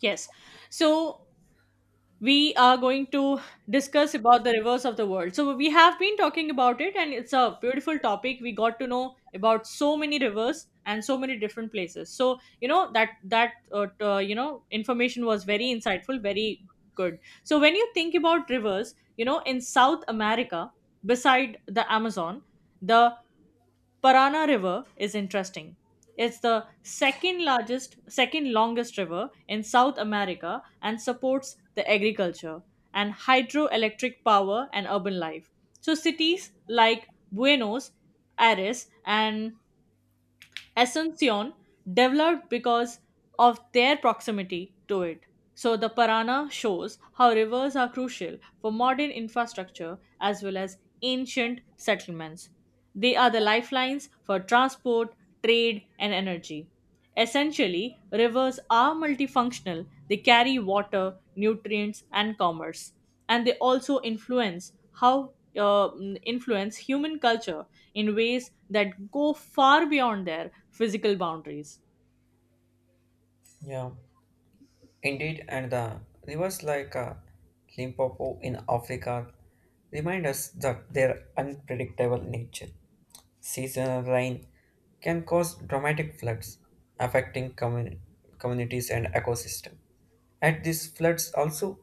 Yes. So we are going to discuss about the reverse of the world. So we have been talking about it and it's a beautiful topic. We got to know about so many rivers and so many different places. So, you know, that that t- you know, information was very insightful, very good. So when you think about rivers, you know, in South America beside the Amazon, the Parana River is interesting. It's the second largest, second longest river in South America and supports the agriculture and hydroelectric power and urban life. So cities like Buenos Aires and Asuncion developed because of their proximity to it. So the Parana shows how rivers are crucial for modern infrastructure as well as ancient settlements. They are the lifelines for transport, trade, and energy. Essentially, rivers are multifunctional. They carry water, nutrients, and commerce, and they also influence how uh, influence human culture in ways that go far beyond their physical boundaries. Yeah, indeed, and the rivers like Limpopo in Africa remind us that their unpredictable nature. Seasonal rain can cause dramatic floods, affecting communities and ecosystem. At these floods also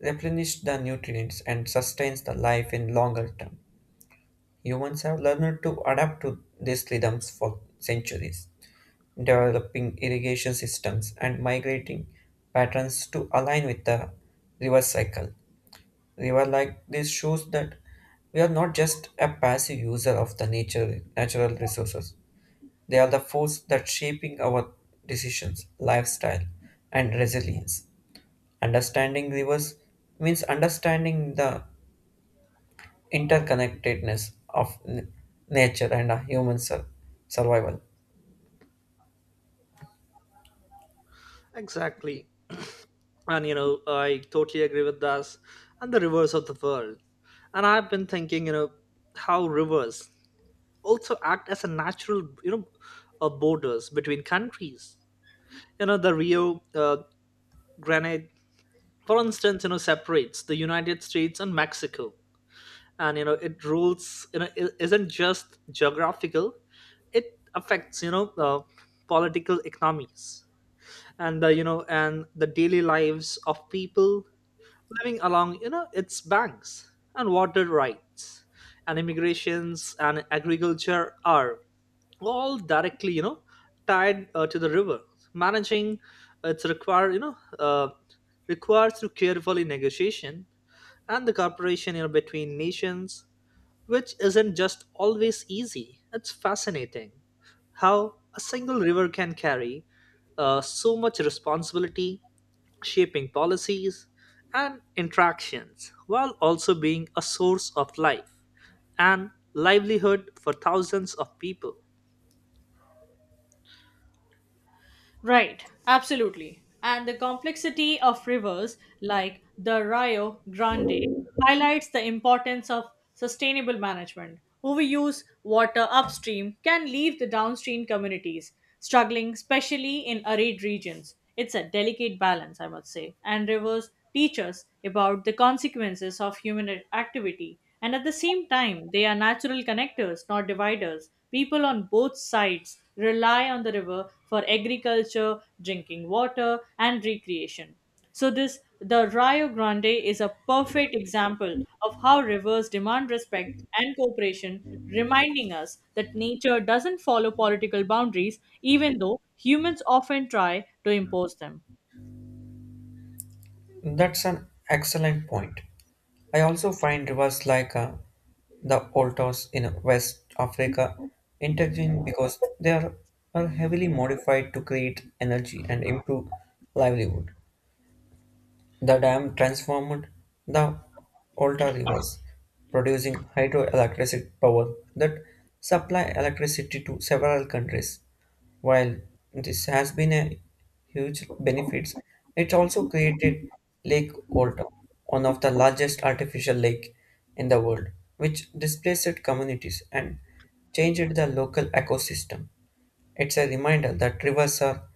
replenish the nutrients and sustains the life in longer term. Humans have learned to adapt to these rhythms for centuries developing irrigation systems and migrating patterns to align with the river cycle. River like this shows that we are not just a passive user of the nature natural resources. They are the force that shaping our decisions, lifestyle, and resilience. Understanding rivers means understanding the interconnectedness of nature and a human survival. Exactly. And I totally agree with this. And the rivers of the world. And I've been thinking, how rivers also act as a natural, borders between countries. The Rio Grande, for instance, separates the United States and Mexico. And it rules. It isn't just geographical; it affects, political economies and the daily lives of people coming along, its banks and water rights and immigrations and agriculture are all directly, tied to the river. Managing its requires through carefully negotiation and the cooperation, between nations, which isn't just always easy. It's fascinating how a single river can carry so much responsibility, shaping policies and interactions, while also being a source of life and livelihood for thousands of people. Right, absolutely. And the complexity of rivers like the Rio Grande highlights the importance of sustainable management. Overuse water upstream can leave the downstream communities struggling, especially in arid regions. It's a delicate balance, I must say. And rivers teach us about the consequences of human activity and at the same time, they are natural connectors, not dividers. People on both sides rely on the river for agriculture, drinking water, and recreation. So this the Rio Grande is a perfect example of how rivers demand respect and cooperation, reminding us that nature doesn't follow political boundaries even though humans often try to impose them. That's an excellent point. I also find rivers like the Oltos in West Africa intriguing because are heavily modified to create energy and improve livelihood. The dam transformed the Volta rivers, producing hydroelectric power that supply electricity to several countries. While this has been a huge benefit, it also created Lake Volta, one of the largest artificial lake in the world, which displaced communities and changed the local ecosystem. It's a reminder that rivers are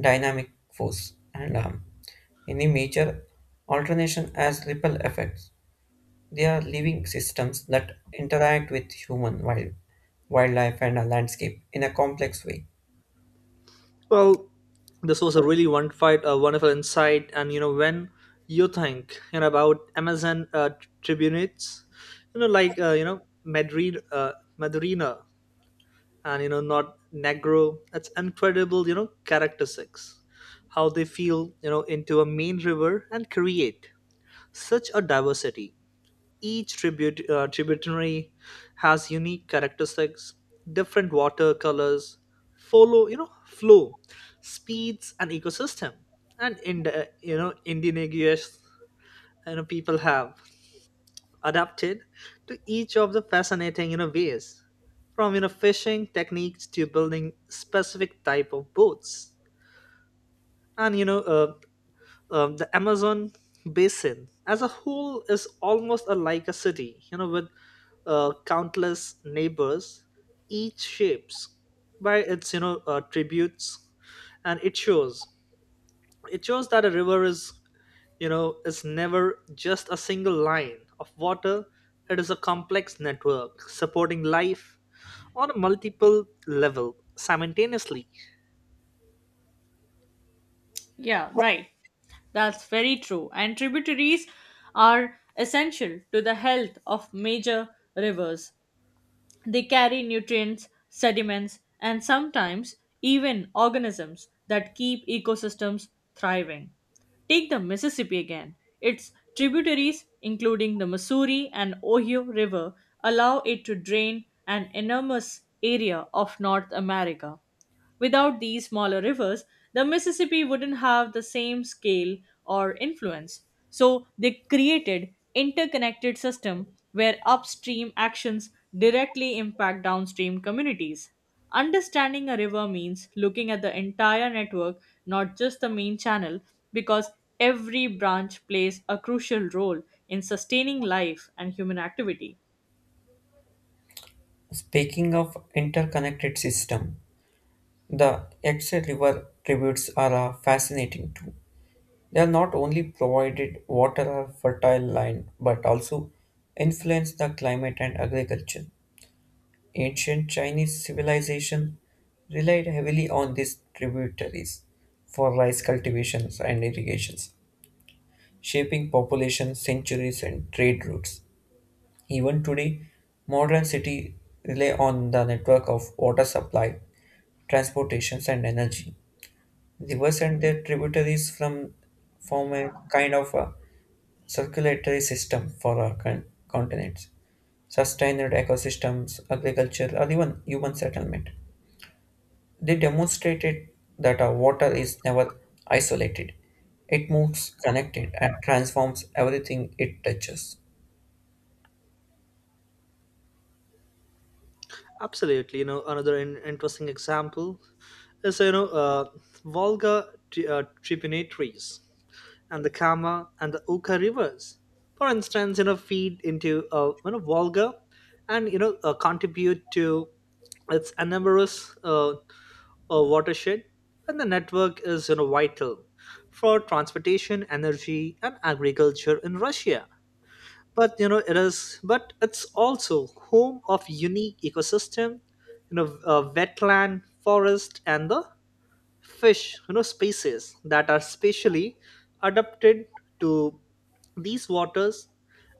dynamic force and any major nature, alternation has ripple effects. They are living systems that interact with human wildlife and a landscape in a complex way. Well, this was a really wonderful insight. When you think about Amazon tribunates, like Madrina, and not Negro. That's incredible. Characteristics, how they feel. Into a main river and create such a diversity. Each tributary has unique characteristics, different water colors, follow flow, speeds, and ecosystem. And in the indigenous people have adapted to each of the fascinating ways, from fishing techniques to building specific type of boats. And you know the Amazon basin as a whole is almost like a city, with countless neighbors, each shapes by its tributes, and it shows that a river is you know is never just a single line of water. It is a complex network supporting life on a multiple level simultaneously. Yeah, right. That's very true. And tributaries are essential to the health of major rivers. They carry nutrients, sediments, and sometimes even organisms that keep ecosystems thriving. Take the Mississippi again. Its tributaries, including the Missouri and Ohio River, allow it to drain an enormous area of North America. Without these smaller rivers, the Mississippi wouldn't have the same scale or influence. So they created interconnected system where upstream actions directly impact downstream communities. Understanding a river means looking at the entire network, not just the main channel, because every branch plays a crucial role in sustaining life and human activity. Speaking of interconnected system, the Yangtze River tributes are fascinating too. They are not only provided water or fertile land, but also influence the climate and agriculture. Ancient Chinese civilization relied heavily on these tributaries for rice cultivations and irrigations, shaping population centuries and trade routes. Even today, modern cities rely on the network of water supply, transportations, and energy. Rivers and their tributaries from form a kind of a circulatory system for our continents, sustained ecosystems, agriculture, or even human settlement. They demonstrated that our water is never isolated. It moves connected and transforms everything it touches. Absolutely, another interesting example is Volga tributaries and the Kama and the Oka rivers. For instance, feed into Volga, and contribute to its enormous watershed. And the network is vital for transportation, energy, and agriculture in Russia. But it's also home of unique ecosystem, wetland, forest, and the fish species that are specially adapted to these waters.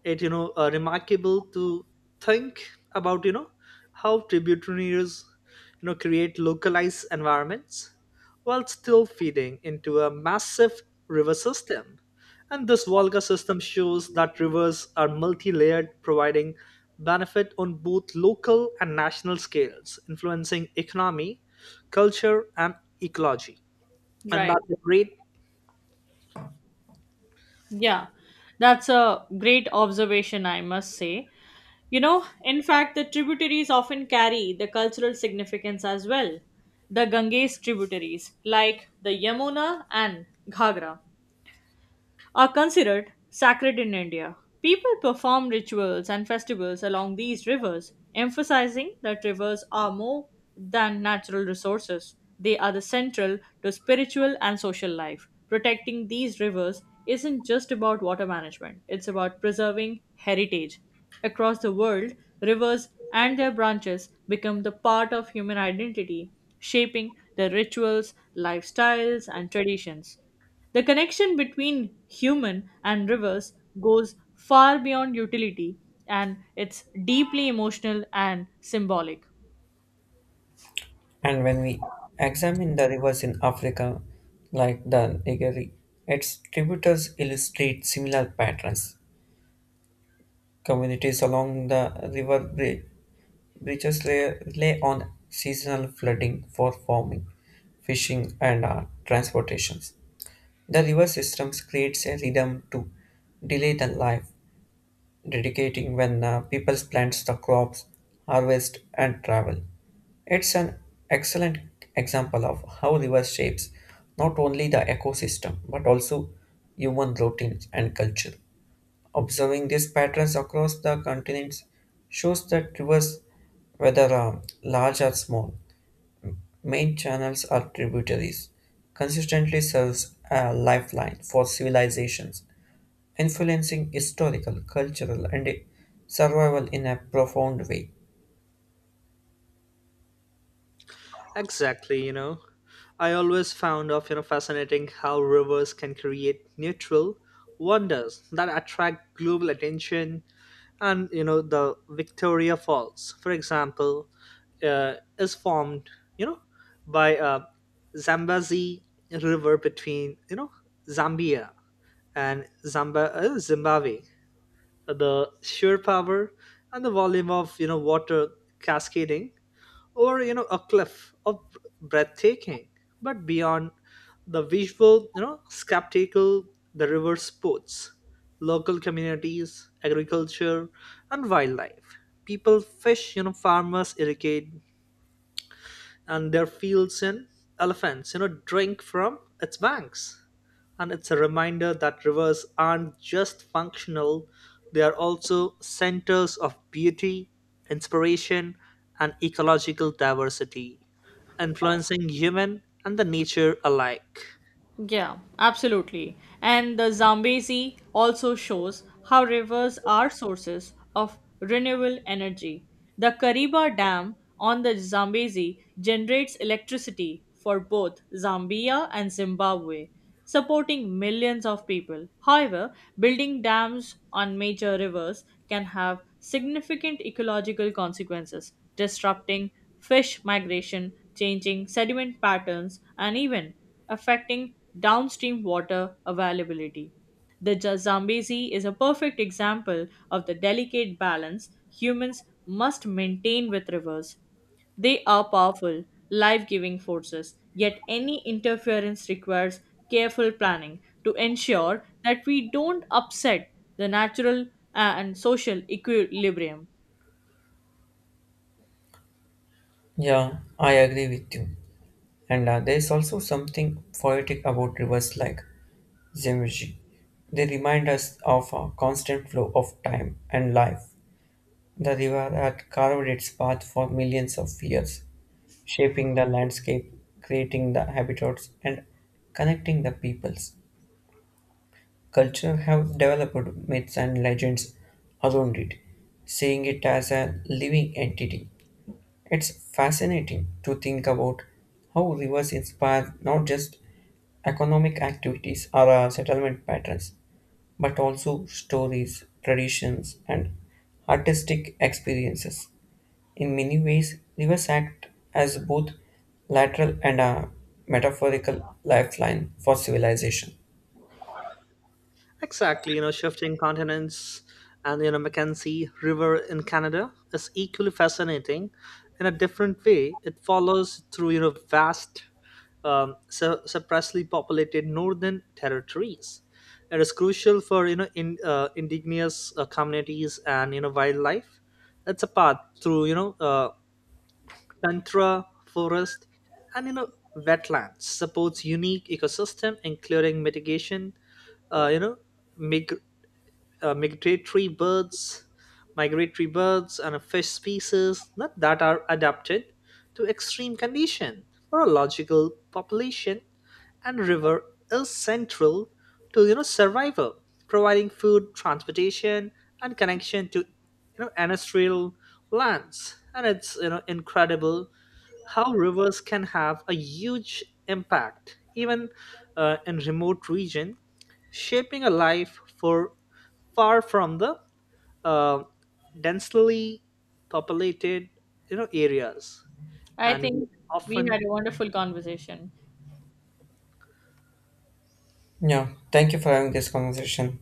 It remarkable to think about how tributaries create localized environments while still feeding into a massive river system. And this Volga system shows that rivers are multi-layered, providing benefit on both local and national scales, influencing economy, culture, and ecology. And Right. that's a great... Yeah. That's a great observation, I must say. You know, in fact, the tributaries often carry the cultural significance as well. The Ganges tributaries, like the Yamuna and Ghagra, are considered sacred in India. People perform rituals and festivals along these rivers, emphasizing that rivers are more than natural resources. They are the central to spiritual and social life. Protecting these rivers isn't just about water management, it's about preserving heritage. Across the world, rivers and their branches become the part of human identity, shaping their rituals, lifestyles, and traditions. The connection between human and rivers goes far beyond utility and it's deeply emotional and symbolic. And when we examine the rivers in Africa, like the Nigeri, its tributaries illustrate similar patterns. Communities along the river bridges lay, rely on seasonal flooding for farming, fishing, and transportations. The river systems creates a rhythm to delay the life dedicating when people plants the crops, harvest, and travel. It's an excellent example of how river shapes not only the ecosystem but also human routines and culture. Observing these patterns across the continents shows that rivers, whether large or small, main channels or tributaries, consistently serves a lifeline for civilizations influencing historical, cultural, and survival in a profound way. Exactly, I always found of fascinating how rivers can create neutral wonders that attract global attention. And the Victoria Falls, for example, is formed you know by Zambezi River between Zambia and Zimbabwe. The sheer power and the volume of water cascading over a cliff of breathtaking. But beyond the visual spectacle, the river sports local communities, agriculture, and wildlife. People fish, farmers irrigate and their fields, and elephants drink from its banks. And it's a reminder that rivers aren't just functional; they are also centers of beauty, inspiration, and ecological diversity, influencing human and the nature alike. Yeah, absolutely. And the Zambezi also shows how rivers are sources of renewable energy. The Kariba Dam on the Zambezi generates electricity for both Zambia and Zimbabwe, supporting millions of people. However, building dams on major rivers can have significant ecological consequences, disrupting fish migration, changing sediment patterns, and even affecting downstream water availability. The Ja- Zambezi is a perfect example of the delicate balance humans must maintain with rivers. They are powerful, life giving forces, yet, any interference requires careful planning to ensure that we don't upset the natural and social equilibrium. Yeah, I agree with you. And there is also something poetic about rivers like Zemji. They remind us of a constant flow of time and life. The river had carved its path for millions of years, shaping the landscape, creating the habitats, and connecting the peoples. Culture have developed myths and legends around it, seeing it as a living entity. It's fascinating to think about how rivers inspire not just economic activities or settlement patterns, but also stories, traditions, and artistic experiences. In many ways, rivers act as both lateral and a metaphorical lifeline for civilization. Exactly, shifting continents, and Mackenzie River in Canada is equally fascinating. In a different way, it follows through vast, suppressively populated northern territories. It is crucial for indigenous communities and wildlife. It's a path through tundra, forest, and wetlands. Supports unique ecosystem, including mitigation, uh, you know mig- uh, migratory birds, migratory birds and a fish species not that are adapted to extreme condition for a logical population. And river is central to survival, providing food, transportation, and connection to ancestral lands. And it's incredible how rivers can have a huge impact even in remote region, shaping a life for far from the uh, densely populated areas. I And we think we often had a wonderful conversation. Yeah, thank you for having this conversation.